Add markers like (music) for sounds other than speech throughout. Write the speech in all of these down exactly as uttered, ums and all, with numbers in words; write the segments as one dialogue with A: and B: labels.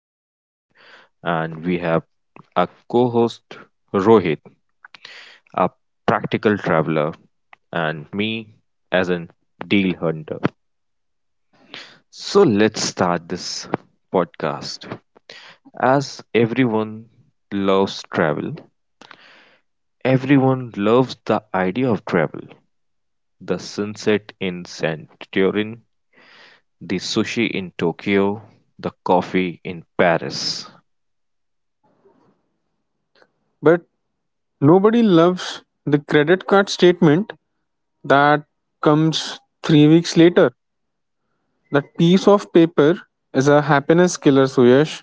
A: Suyash and we have a co-host Rohit, a practical traveler, and me as a deal hunter. So let's start this podcast. As everyone loves travel, everyone loves the idea of travel. The sunset in Santorin, the sushi in Tokyo, the coffee in Paris.
B: But nobody loves the credit card statement that comes three weeks later. That piece of paper is a happiness killer, Suyash.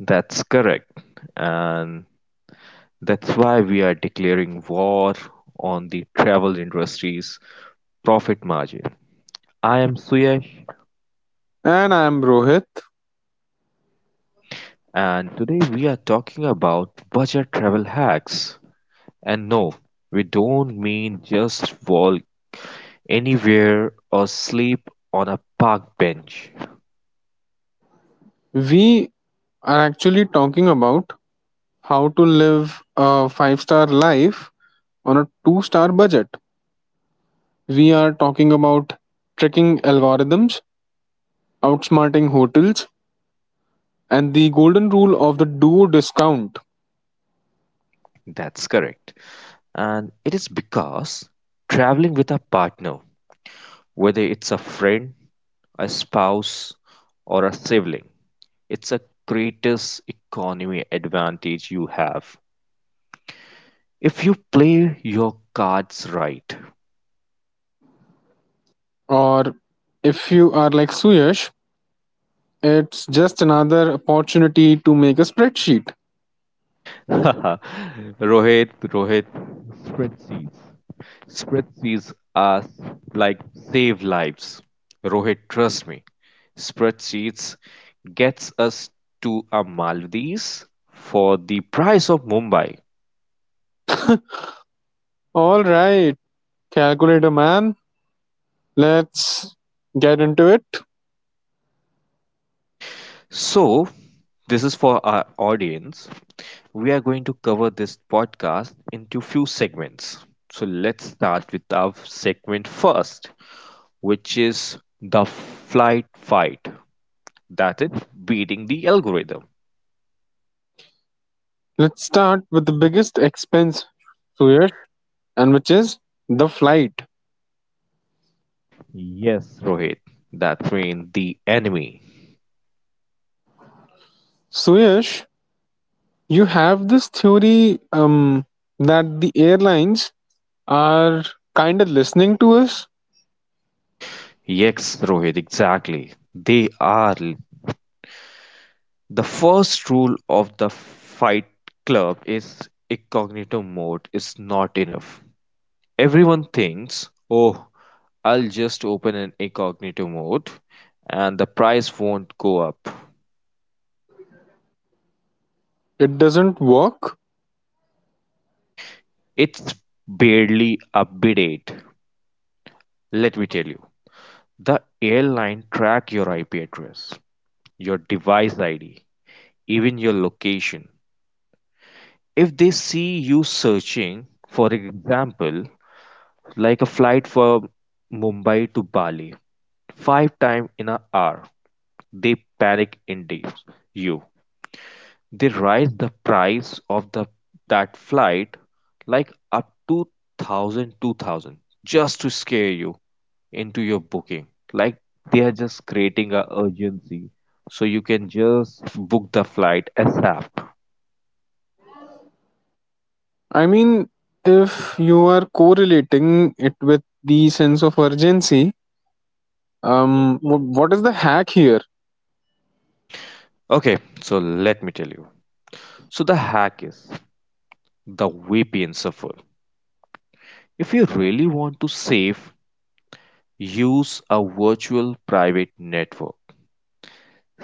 A: That's correct. And that's why we are declaring war on the travel industry's profit margin. I am Suyesh,
B: And I am Rohit.
A: and today we are talking about budget travel hacks. And no, we don't mean just wall anywhere or sleep on a park bench.
B: We are actually talking about how to live a five star life on a two star budget. We are talking about tricking algorithms, outsmarting hotels, and the golden rule of the do discount.
A: That's correct. And it is because traveling with a partner, whether it's a friend, a spouse, or a sibling, it's a greatest economy advantage you have. If you play your cards right.
B: Or if you are like Suyash, it's just another opportunity to make a spreadsheet.
A: (laughs) Rohit, Rohit, spreadsheets. Spreadsheets are like save lives. Rohit, trust me. Spreadsheets gets us to a Maldives for the price of Mumbai.
B: All right, calculator man, let's get into it.
A: So, this is for our audience. We are going to cover this podcast into few segments. So, let's start with our segment first, which is the flight fight. That is beating the algorithm.
B: Let's start with the biggest expense, Suyash, and which is the flight.
A: Yes, Rohit, that means the enemy.
B: Suyash, you have this theory um, that the airlines are kind of listening to us.
A: Yes, Rohit, exactly. They are. The first rule of the Fight Club is incognito mode is not enough. Everyone thinks, oh, I'll just open an incognito mode and the price won't go up.
B: It doesn't work.
A: It's barely updated. Let me tell you, the airline track your I P address, your device I D, even your location. If they see you searching, for example, like a flight from Mumbai to Bali, five times in an hour, they panic indeed you. They raise the price of the that flight like up to thousand, two thousand, just to scare you into your booking. Like they are just creating a urgency so you can just book the flight ASAP.
B: I mean, if you are correlating it with the sense of urgency, Um, wh- what is the hack here?
A: Okay, so let me tell you. So the hack is the way pain suffer. If you really want to save, use a virtual private network.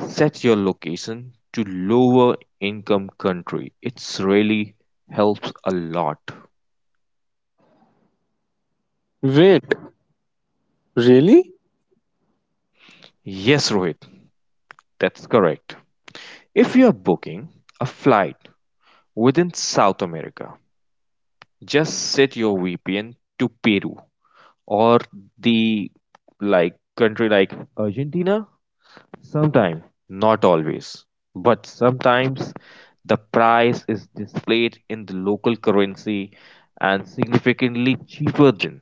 A: Set your location to lower income country. It's really helps a lot.
B: Wait, really?
A: Yes, Rohit, that's correct. If you are booking a flight within South America, just set your V P N to Peru or the like country like Argentina. Sometimes, not always, but sometimes the price is displayed in the local currency and significantly cheaper than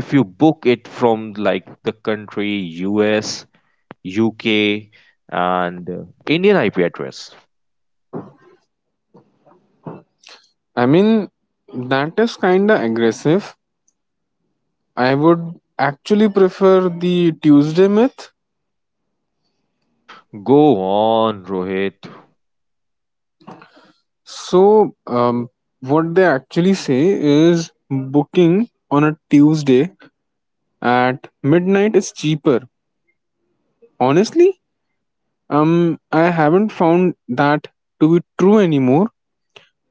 A: if you book it from like the country U S, U K and uh, Indian I P address.
B: I mean, that is kinda aggressive. I would actually prefer the Tuesday myth.
A: Go on, Rohit.
B: So, um, what they actually say is booking on a Tuesday at midnight is cheaper. Honestly, um, I haven't found that to be true anymore,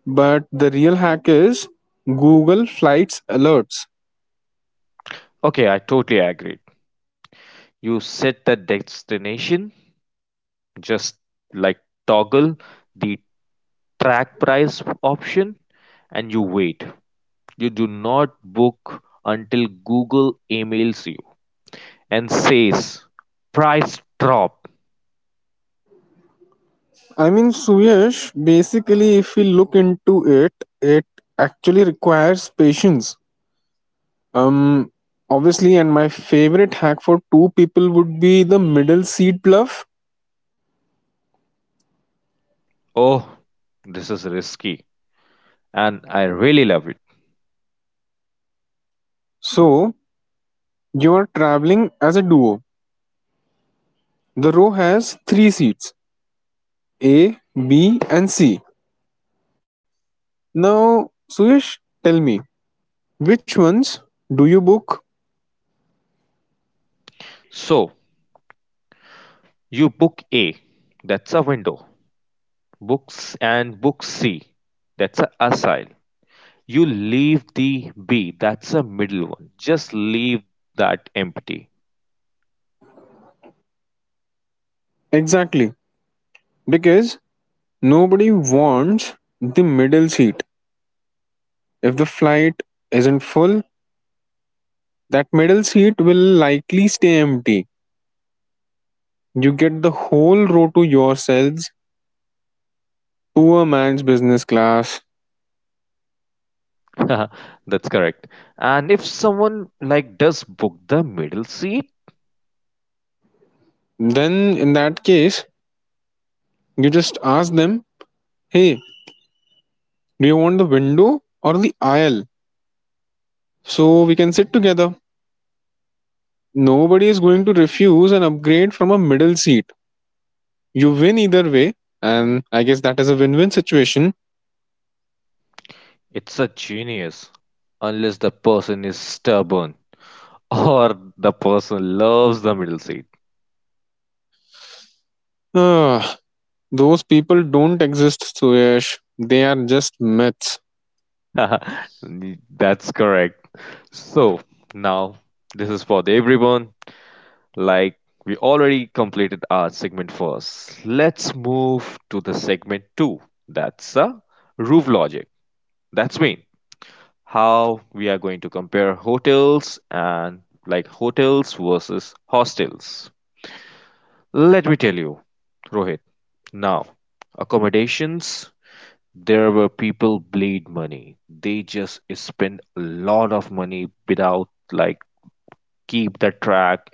B: but the real hack is Google Flights Alerts.
A: Okay, I totally agree. You set the destination, just like toggle the track price option and you wait. You do not book until Google emails you and says, price drop.
B: I mean, Suyash, basically, if we look into it, it actually requires patience. Um, Obviously, and my favorite hack for two people would be the middle seat bluff.
A: Oh, this is risky and I really love it.
B: So, you are traveling as a duo. The row has three seats A, B, and C. Now, Suyash, tell me, which ones do you book
A: So you book A, that's a window. Books and book C, that's a asile. You leave the B, that's a middle one. Just leave that empty.
B: exactly? Because nobody wants the middle seat. If the flight isn't full, that middle seat will likely stay empty. You get the whole row to yourselves, poor man's business class.
A: (laughs) That's correct. And if someone like does book the middle seat,
B: Then, in that case, you just ask them, hey, do you want the window or the aisle? So we can sit together. Nobody is going to refuse an upgrade from a middle seat. You win either way, and I guess that is a win win situation.
A: it's a genius, unless the person is stubborn, (laughs) or the person loves the middle seat.
B: Ah, those people don't exist, Suyash. They are just myths.
A: (laughs) That's correct. So now this is for the everyone. Like we already completed our segment first. Let's move to the segment two. That's a roof logic. That's mean how we are going to compare hotels and like hotels versus hostels. Let me tell you, Rohit. Now, accommodations, there were people bleed money. They just spend a lot of money without like keep the track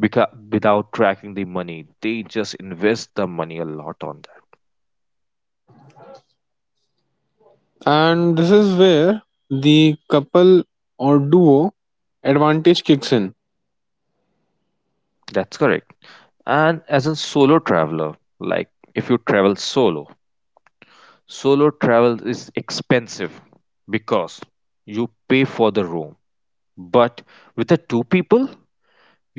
A: because without tracking the money. They just invest the money a lot on that.
B: And this is where the couple or duo advantage kicks in.
A: That's correct. And as a solo traveler, like if you travel solo, solo travel is expensive because you pay for the room. But with the two people,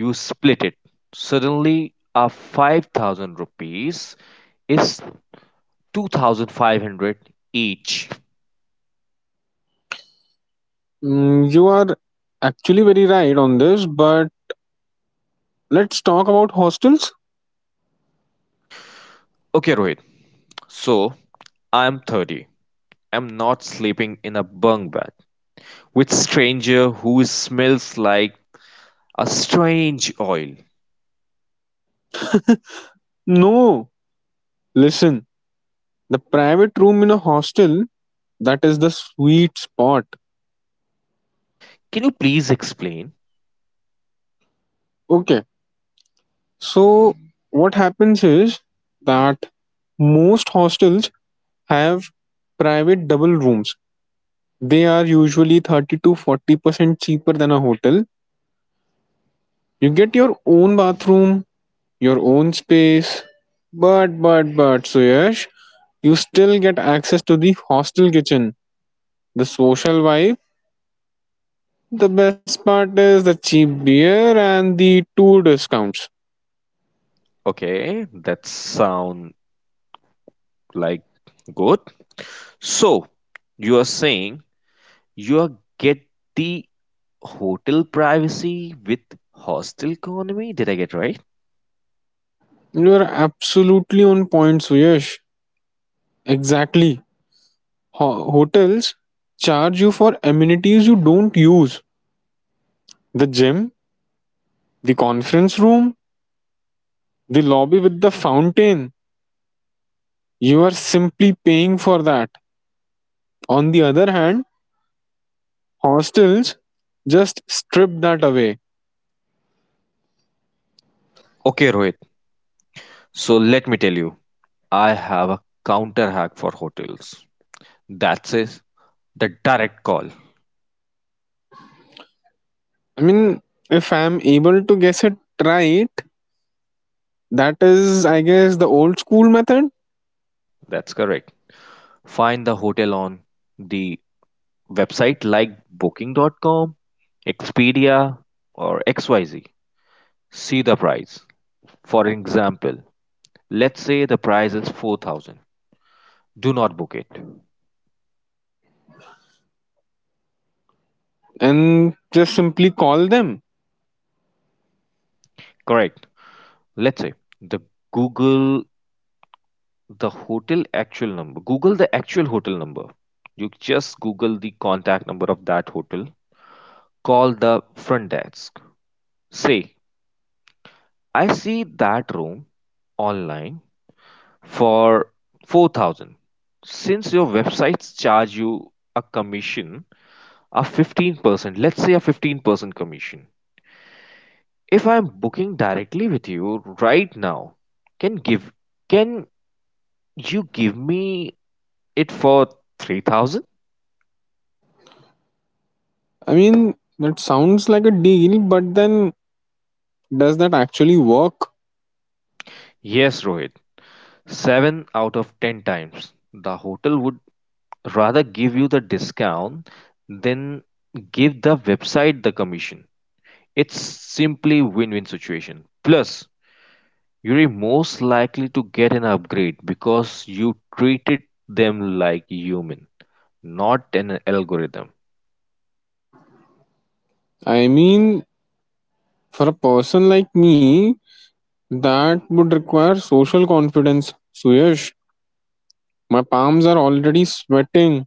A: you split it. Suddenly, our five thousand rupees is two thousand five hundred each.
B: Mm, you are actually very right on this, but let's talk about hostels.
A: Okay, Rohit. So, I'm thirty. I'm not sleeping in a bunk bed with stranger who smells like a strange oil.
B: No, listen, the private room in a hostel, that is the sweet spot.
A: Can you please explain?
B: Okay, so what happens is that most hostels have private double rooms. They are usually thirty to forty percent cheaper than a hotel. You get your own bathroom, your own space. But, but, but, Suyash, you still get access to the hostel kitchen, the social vibe. The best part is the cheap beer and the tour discounts.
A: Okay, that sound like good. So, you are saying you are get the hotel privacy with hostel economy? Did I get right?
B: You are absolutely on point, Suyash. Exactly. Ho- hotels charge you for amenities you don't use: the gym, the conference room, the lobby with the fountain. You are simply paying for that. On the other hand, hostels just strip that away.
A: Okay, Rohit. So let me tell you, I have a counter hack for hotels. That is the direct call.
B: I mean, if I'm able to guess it right, that is, I guess, the old school method,
A: That's correct. Find the hotel on the website like booking dot com, Expedia, or X Y Z. See the price. For example, let's say the price is four thousand. Do not book it.
B: and just simply call them.
A: Correct. Let's say the Google. The hotel actual number. Google the actual hotel number. You just Google the contact number of that hotel. Call the front desk. Say, I see that room online for four thousand. Since your websites charge you a commission, a fifteen percent, let's say a fifteen percent commission. If I'm booking directly with you right now, can give can you give me it for three thousand?
B: I mean, that sounds like a deal, but then does that actually work?
A: Yes, Rohit. Seven out of ten times, the hotel would rather give you the discount than give the website the commission. It's simply win-win situation. Plus, you're most likely to get an upgrade because you treated them like human, not an algorithm.
B: I mean, for a person like me, that would require social confidence. Suyash, my palms are already sweating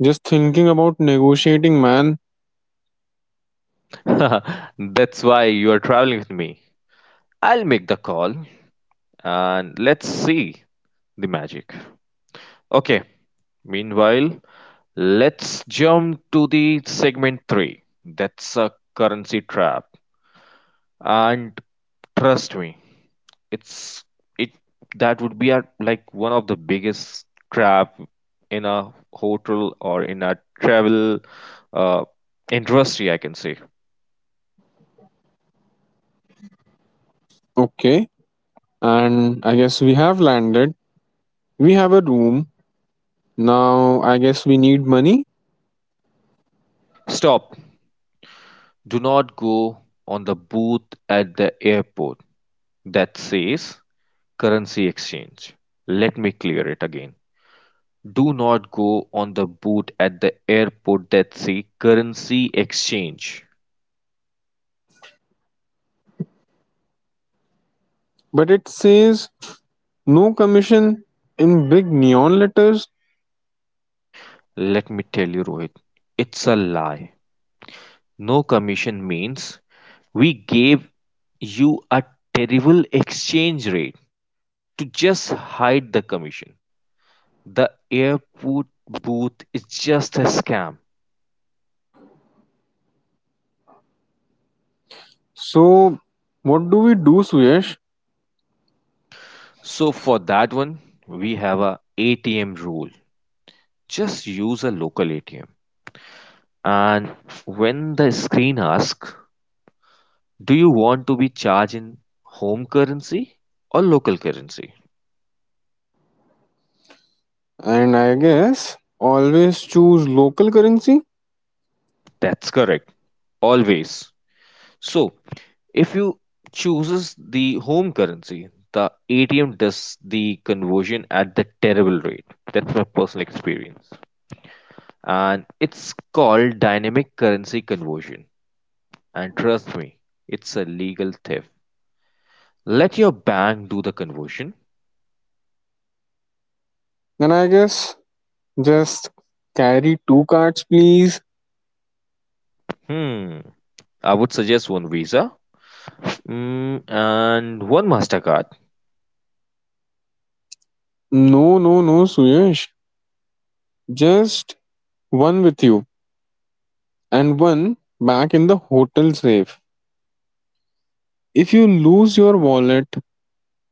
B: just thinking about negotiating, man.
A: (laughs) That's why you are traveling with me. I'll make the call and let's see the magic. Okay, meanwhile, let's jump to the segment three. That's a currency trap, and trust me, it's it that would be a, like one of the biggest trap in a hotel or in a travel uh, industry, I can say.
B: Okay, and I guess we have landed. We have a room. Now I guess we need money.
A: Stop. Do not go on the booth at the airport that says currency exchange. Let me clear it again. Do not go on the boat at the airport that say currency exchange.
B: But it says no commission in big neon letters.
A: Let me tell you, Rohit, it's a lie. No commission means we gave you a terrible exchange rate to just hide the commission. The airport booth is just a scam.
B: So what do we do, Suyesh?
A: So for that one, we have a ATM rule. Just use a local A T M. And when the screen asks, do you want to be charged in home currency or local currency?
B: And I guess always choose local currency.
A: That's correct. Always. So, if you chooses the home currency, the A T M does the conversion at the terrible rate. That's my personal experience. And it's called dynamic currency conversion. And trust me, it's a legal theft. Let your bank do the conversion.
B: And I guess just carry two cards, please.
A: Hmm. I would suggest one Visa mm, and one Mastercard.
B: No, no, no, Suyesh. Just one with you and one back in the hotel safe. If you lose your wallet,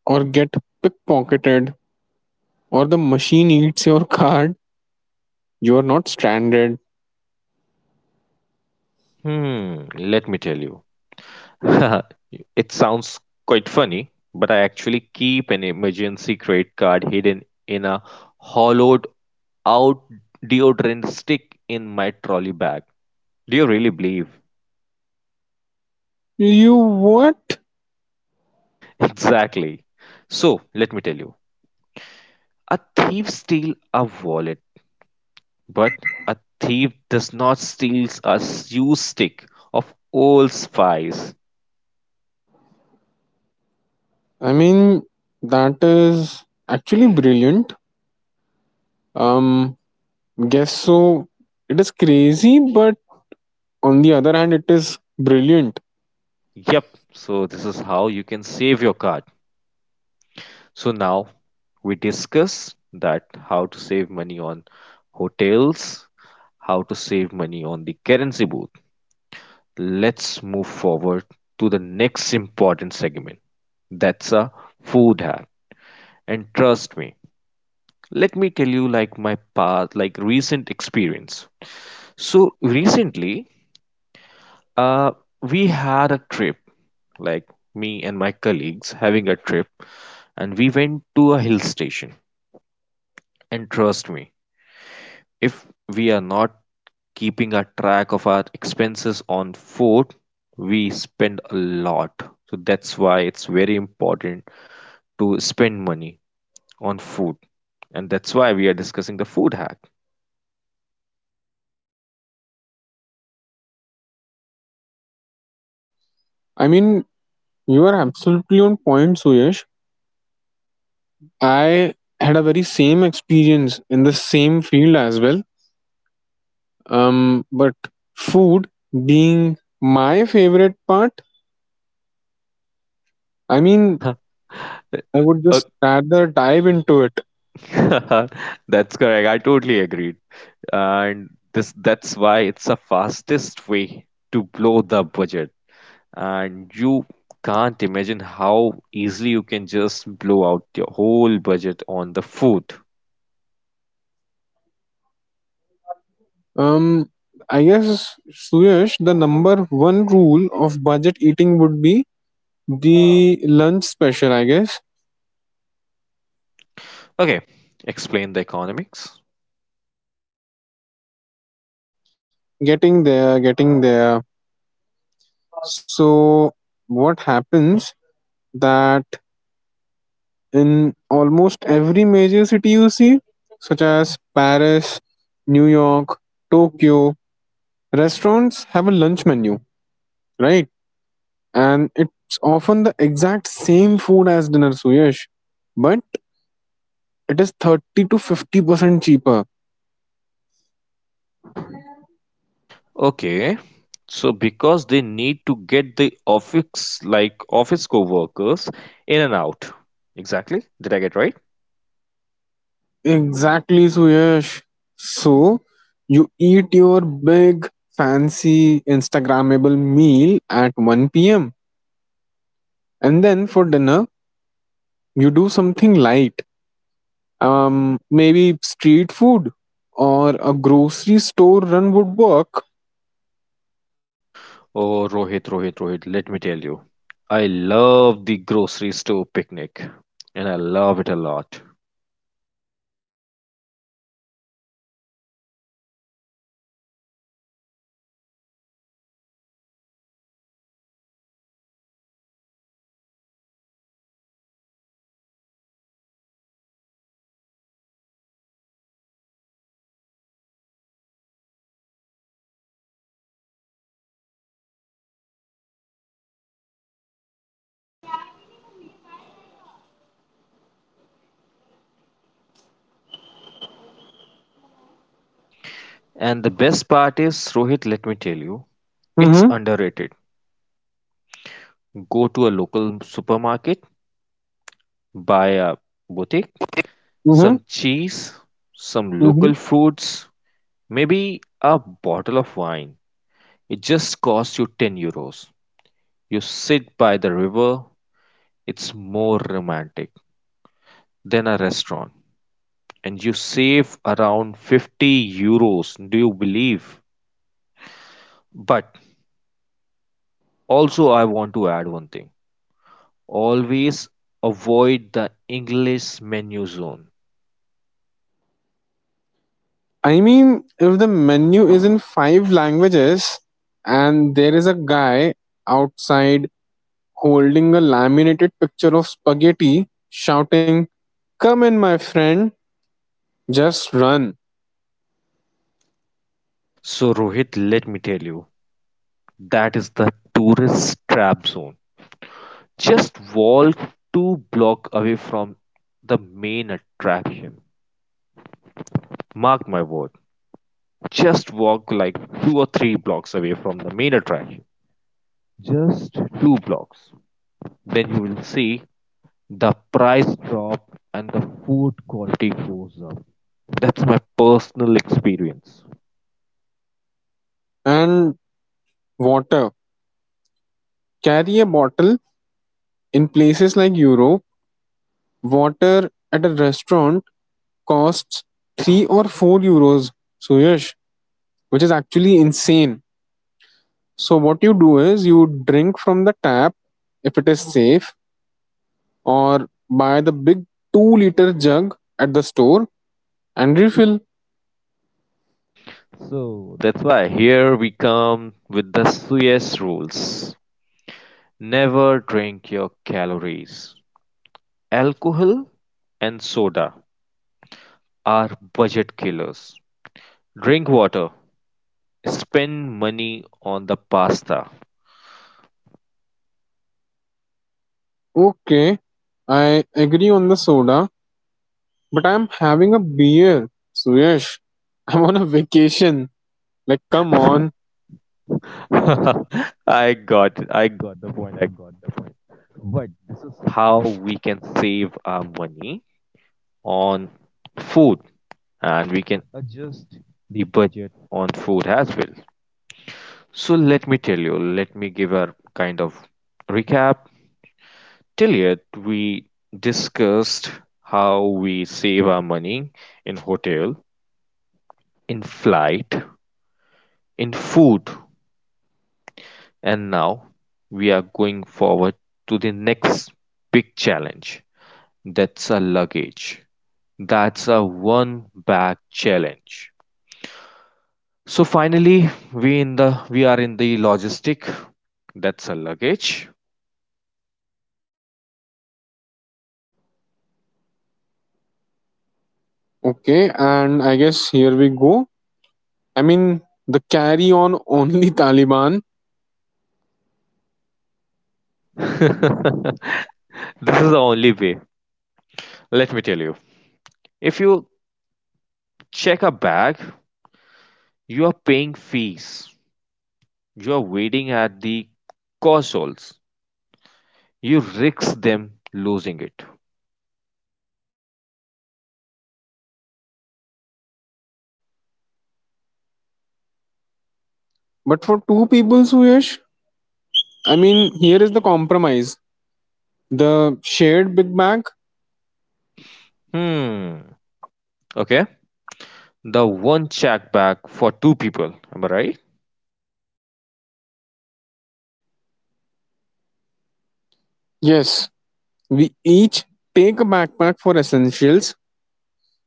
B: or get pickpocketed or the machine eats your card, you are not stranded.
A: Hmm, let me tell you. (laughs) It sounds quite funny, but I actually keep an emergency credit card hidden in a hollowed out deodorant stick in my trolley bag. Do you really believe?
B: You what?
A: (laughs) Exactly. So, let me tell you. A thief steals a wallet, but a thief does not steal a shoe stick of old spice.
B: I mean, that is actually brilliant. Um, Guess so. It is crazy, but on the other hand, it is brilliant.
A: Yep, so this is how you can save your card. So now we discuss that how to save money on hotels, how to save money on the currency booth. Let's move forward to the next important segment. That's a food hack. And trust me, let me tell you like my past, like recent experience. So recently, uh, we had a trip, like me and my colleagues having a trip, and we went to a hill station. And trust me, if we are not keeping a track of our expenses on food, we spend a lot. So that's why it's very important to spend money on food. And that's why we are discussing the food hack.
B: I mean, you are absolutely on point, Suyesh. I had a very same experience in the same field as well. Um, but food being my favorite part, I mean,
A: (laughs)
B: I would just rather dive into it.
A: Okay. (laughs) That's correct. I totally agreed. And this that's why it's the fastest way to blow the budget. And you can't imagine how easily you can just blow out your whole budget on the food.
B: Um, I guess, Suyash, the number one rule of budget eating would be the lunch special, I guess.
A: Okay, explain the economics.
B: Getting there, getting there. So, what happens that in almost every major city you see, such as Paris, New York, Tokyo, restaurants have a lunch menu, right? And it's often the exact same food as dinner, Suyash. But it is thirty to fifty percent cheaper.
A: Okay, so because they need to get the office like office co-workers in and out. Exactly. Did I get right?
B: Exactly, Suyash. So, you eat your big, fancy, Instagrammable meal at one p m. And then for dinner, you do something light. Um, maybe street food or a grocery store run would work.
A: Oh, Rohit, Rohit, Rohit, let me tell you. I love the grocery store picnic and I love it a lot. And the best part is, Rohit, let me tell you, it's
B: Mm-hmm.
A: underrated. Go to a local supermarket, buy a boutique, some
B: Mm-hmm.
A: cheese, some local
B: Mm-hmm.
A: fruits, maybe a bottle of wine. It just costs you ten euros. You sit by the river, it's more romantic than a restaurant, and you save around fifty euros. Do you believe? But also, I want to add one thing, always avoid the English menu zone.
B: I mean, if the menu is in five languages and there is a guy outside holding a laminated picture of spaghetti shouting, come in, my friend, just run.
A: So, Rohit, let me tell you, that is the tourist trap zone, just walk two blocks away from the main attraction. Mark my word, just walk like two or three blocks away from the main attraction. Just two blocks. Then you will see the price drop and the food quality goes up. That's my personal experience.
B: And water. Carry a bottle. In places like Europe, water at a restaurant costs three or four euros, Suyash, which is actually insane. So what you do is you drink from the tap if it is safe or buy the big two liter jug at the store and refill.
A: So that's why here we come with the Suez rules. Never drink your calories. Alcohol and soda are budget killers. Drink water. Spend money on the pasta.
B: Okay, I agree on the soda, but I'm having a beer. Suyash, (laughs) I'm on a vacation. Like come on.
A: (laughs) I got it. I got the point. I got the point. How we can save our money on food and we can adjust the budget on food as well. So let me tell you, let me give a kind of recap. Till yet we discussed how we save our money in hotel, in flight, in food, and now we are going forward to the next big challenge. That's a luggage. That's a one bag challenge. So finally, we in the we are in the logistic. That's a luggage.
B: Okay, and I guess here we go. I mean the carry on only (laughs) Taliban,
A: (laughs) This is the only way. Let me tell you. If you check a bag, you are paying fees. You are waiting at the consoles. You risk them losing it.
B: but for two people Suyash, I mean here is the compromise. The shared big bag.
A: Hmm. Okay. The one check bag for two people. Am I right?
B: Yes, we each take a backpack for essentials,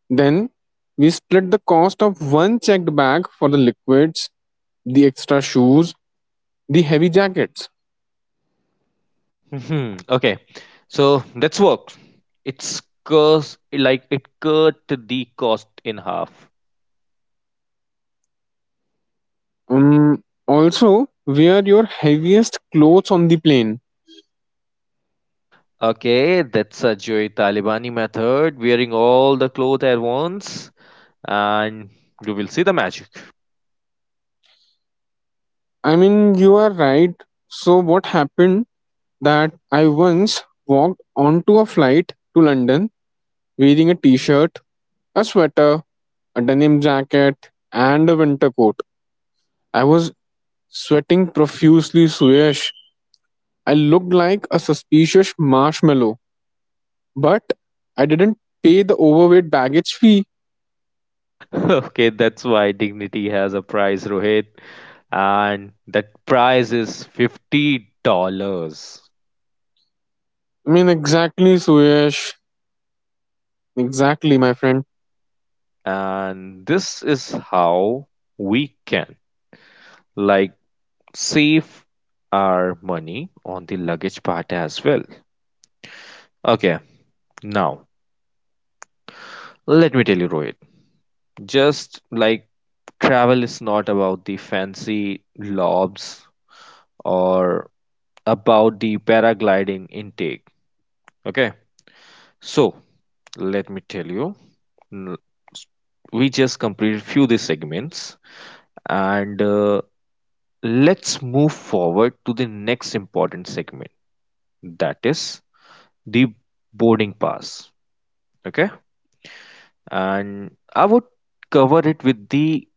B: then we split the cost of one checked bag for the liquids, the extra shoes, the heavy jackets.
A: Hmm. Okay. So that's worked. It's curse like it cut the cost in half.
B: Um, also, wear your heaviest clothes on the plane.
A: Okay, that's a Joy Talibani method, wearing all the clothes at once, and you will see the magic. (laughs)
B: I mean, you are right. So, what happened that I once walked onto a flight to London wearing a t shirt, a sweater, a denim jacket, and a winter coat. I was sweating profusely, Suyash. I looked like a suspicious marshmallow, but I didn't pay the overweight baggage fee.
A: Okay, that's why dignity has a price, Rohit, and that price is fifty dollars.
B: I mean, exactly, Suyash. Exactly, my friend.
A: And this is how we can like save our money on the luggage part as well. Okay, now let me tell you, Rohit, just like travel is not about the fancy lobs or about the paragliding intake. Okay, so let me tell you, n- we just completed few of the segments, and uh, let's move forward to the next important segment, that is the boarding pass. Okay, and I would cover it with the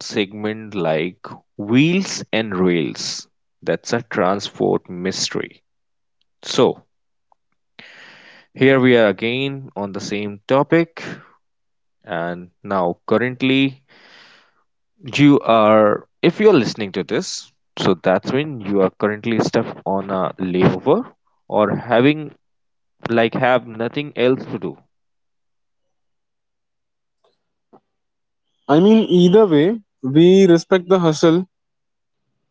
A: segment like wheels and rails. That's a transport mystery. So, here we are again on the same topic, and now currently you are, if you're listening to this, so that's when you are currently stuck on a layover or having like have nothing else to do.
B: I mean, either way, we respect the hustle.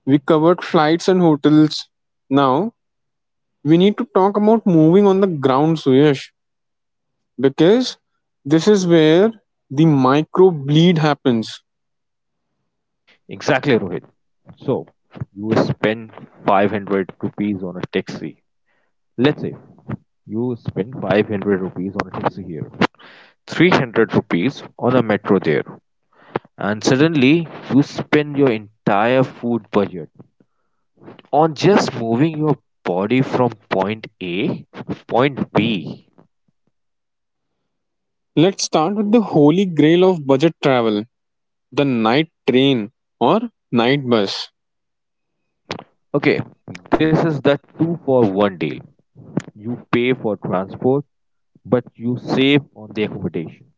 B: We covered flights and hotels. Now, we need to talk about moving on the ground, Suyash, because this is where the micro bleed happens.
A: Exactly, Rohit. So you spend five hundred rupees on a taxi. Let's say you spend five hundred rupees on a taxi here, three hundred rupees on a metro there, and suddenly you spend your entire food budget on just moving your body from point A to point B.
B: Let's start with the holy grail of budget travel, the night train or night bus.
A: Okay, this is the two for one deal. You pay for transport, but you save on the accommodation.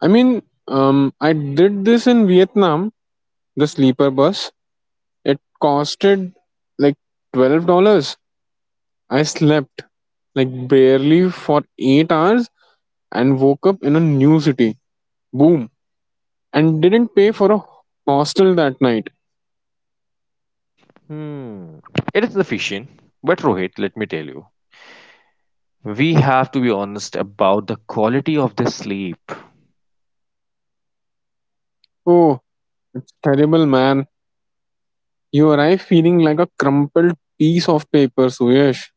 B: I mean, um, I did this in Vietnam, the sleeper bus. It costed like twelve dollars. I slept like barely for eight hours and woke up in a new city. Boom. And didn't pay for a hostel that night.
A: Hmm. It is efficient. But Rohit, let me tell you, we have to be honest about the quality of the sleep.
B: Oh, it's terrible, man. You arrive feeling like a crumpled piece of paper, Suyesh.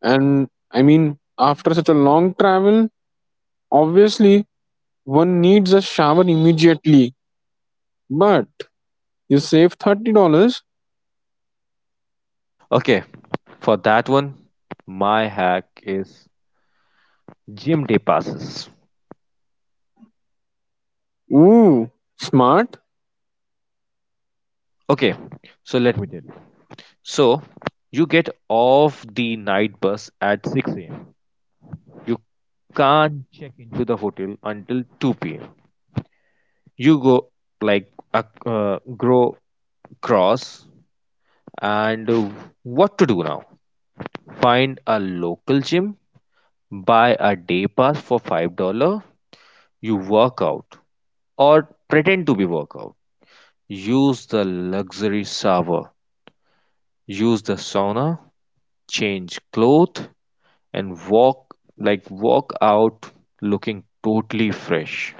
B: And I mean, after such a long travel, obviously one needs a shower immediately. But you save thirty dollars.
A: Okay, for that one, my hack is gym day passes.
B: Ooh, smart.
A: Okay, so let me tell you. So you get off the night bus at six a m. You can't check into the hotel until two p m. You go like uh, uh, grow cross, and uh, what to do now? Find a local gym. Buy a day pass for five dollars you work out or pretend to be work out. Use the luxury shower, use the sauna, change clothes and walk like walk out looking totally fresh.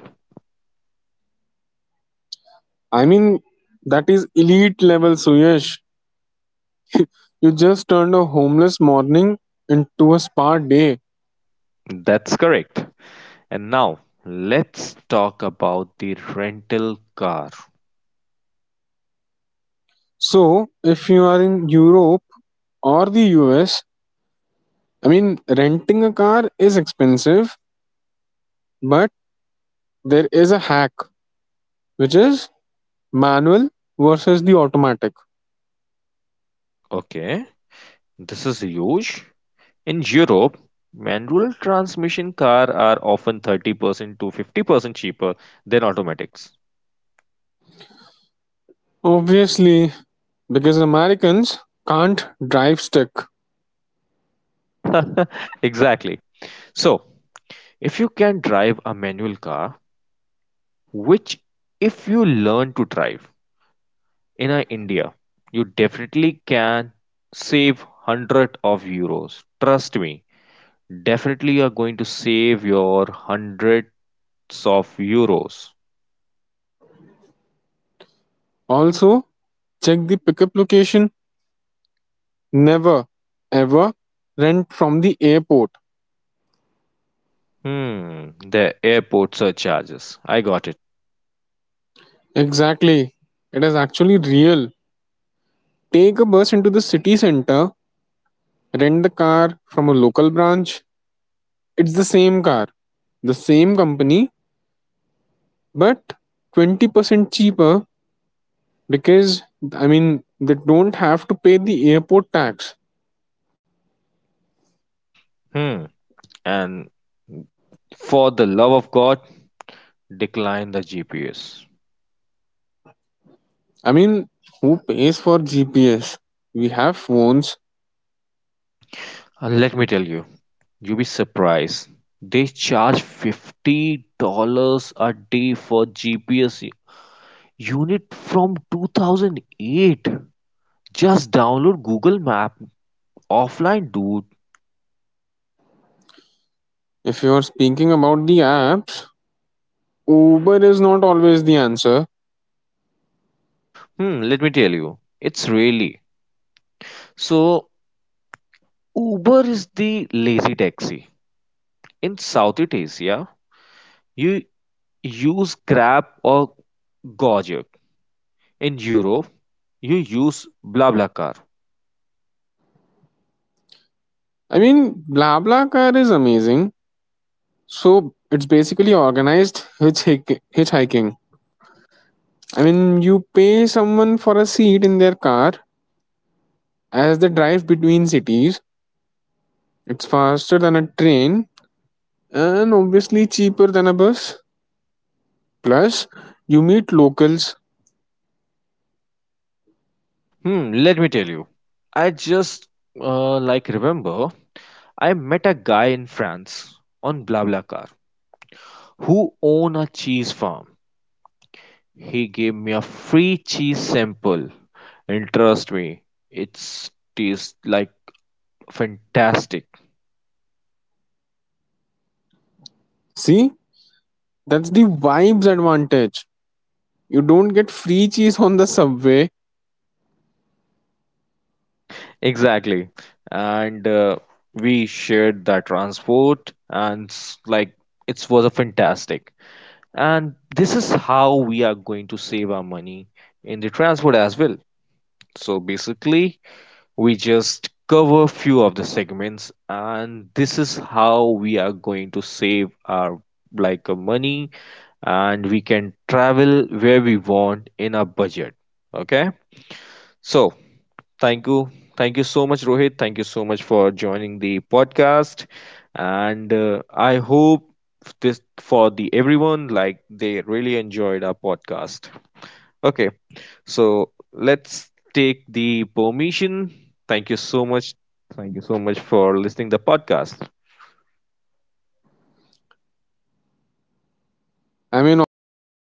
B: I mean, that is elite level, Suyesh. You just turned a homeless morning into a spa day.
A: That's correct. And now let's talk about the rental car.
B: So, if you are in Europe or the U S, I mean, renting a car is expensive, but there is a hack, which is manual versus the automatic.
A: Okay, this is huge. In Europe, manual transmission cars are often thirty percent to fifty percent cheaper than automatics.
B: Obviously, because Americans can't drive stick.
A: (laughs) Exactly. So, if you can drive a manual car, which if you learn to drive in uh, India, you definitely can save one hundred of euros. Trust me, definitely you are going to save your hundreds of euros.
B: Also, check the pickup location. Never ever rent from the airport.
A: Hmm, the airport surcharges. I got it.
B: Exactly. It is actually real. Take a bus into the city center, rent the car from a local branch. It's the same car, the same company, but twenty percent cheaper because, I mean, they don't have to pay the airport tax.
A: Hmm. And for the love of God, decline the G P S.
B: I mean, who pays for G P S? We have phones.
A: And let me tell you, you'll be surprised. They charge fifty dollars a day for G P S unit from two thousand eight. Just download Google Map offline, dude.
B: If you are speaking about the apps, Uber is not always the answer.
A: Hmm, let me tell you, it's really. So, Uber is the lazy taxi. In Southeast Asia, you use Grab or Gojek. In Europe, you use BlaBlaCar.
B: I mean, BlaBlaCar is amazing. So it's basically organized hitchhik- hitchhiking. I mean, you pay someone for a seat in their car as they drive between cities. It's faster than a train and obviously cheaper than a bus. Plus, you meet locals.
A: Hmm, let me tell you. I just uh, like remember I met a guy in France on BlaBlaCar who owned a cheese farm. He gave me a free cheese sample, and trust me, it's tastes like fantastic.
B: See, that's the vibes advantage. You don't get free cheese on the subway.
A: Exactly, and uh, we shared that transport, and s- like it was a fantastic. And this is how we are going to save our money in the transport as well. So basically we just cover few of the segments and this is how we are going to save our like uh, money and we can travel where we want in our budget. Okay, so thank you. Thank you so much, Rohit. Thank you so much for joining the podcast. And uh, I hope this for the everyone like they really enjoyed our podcast. Okay. So let's take the permission. Thank you so much. Thank you so much for listening the podcast.
B: I mean, obviously,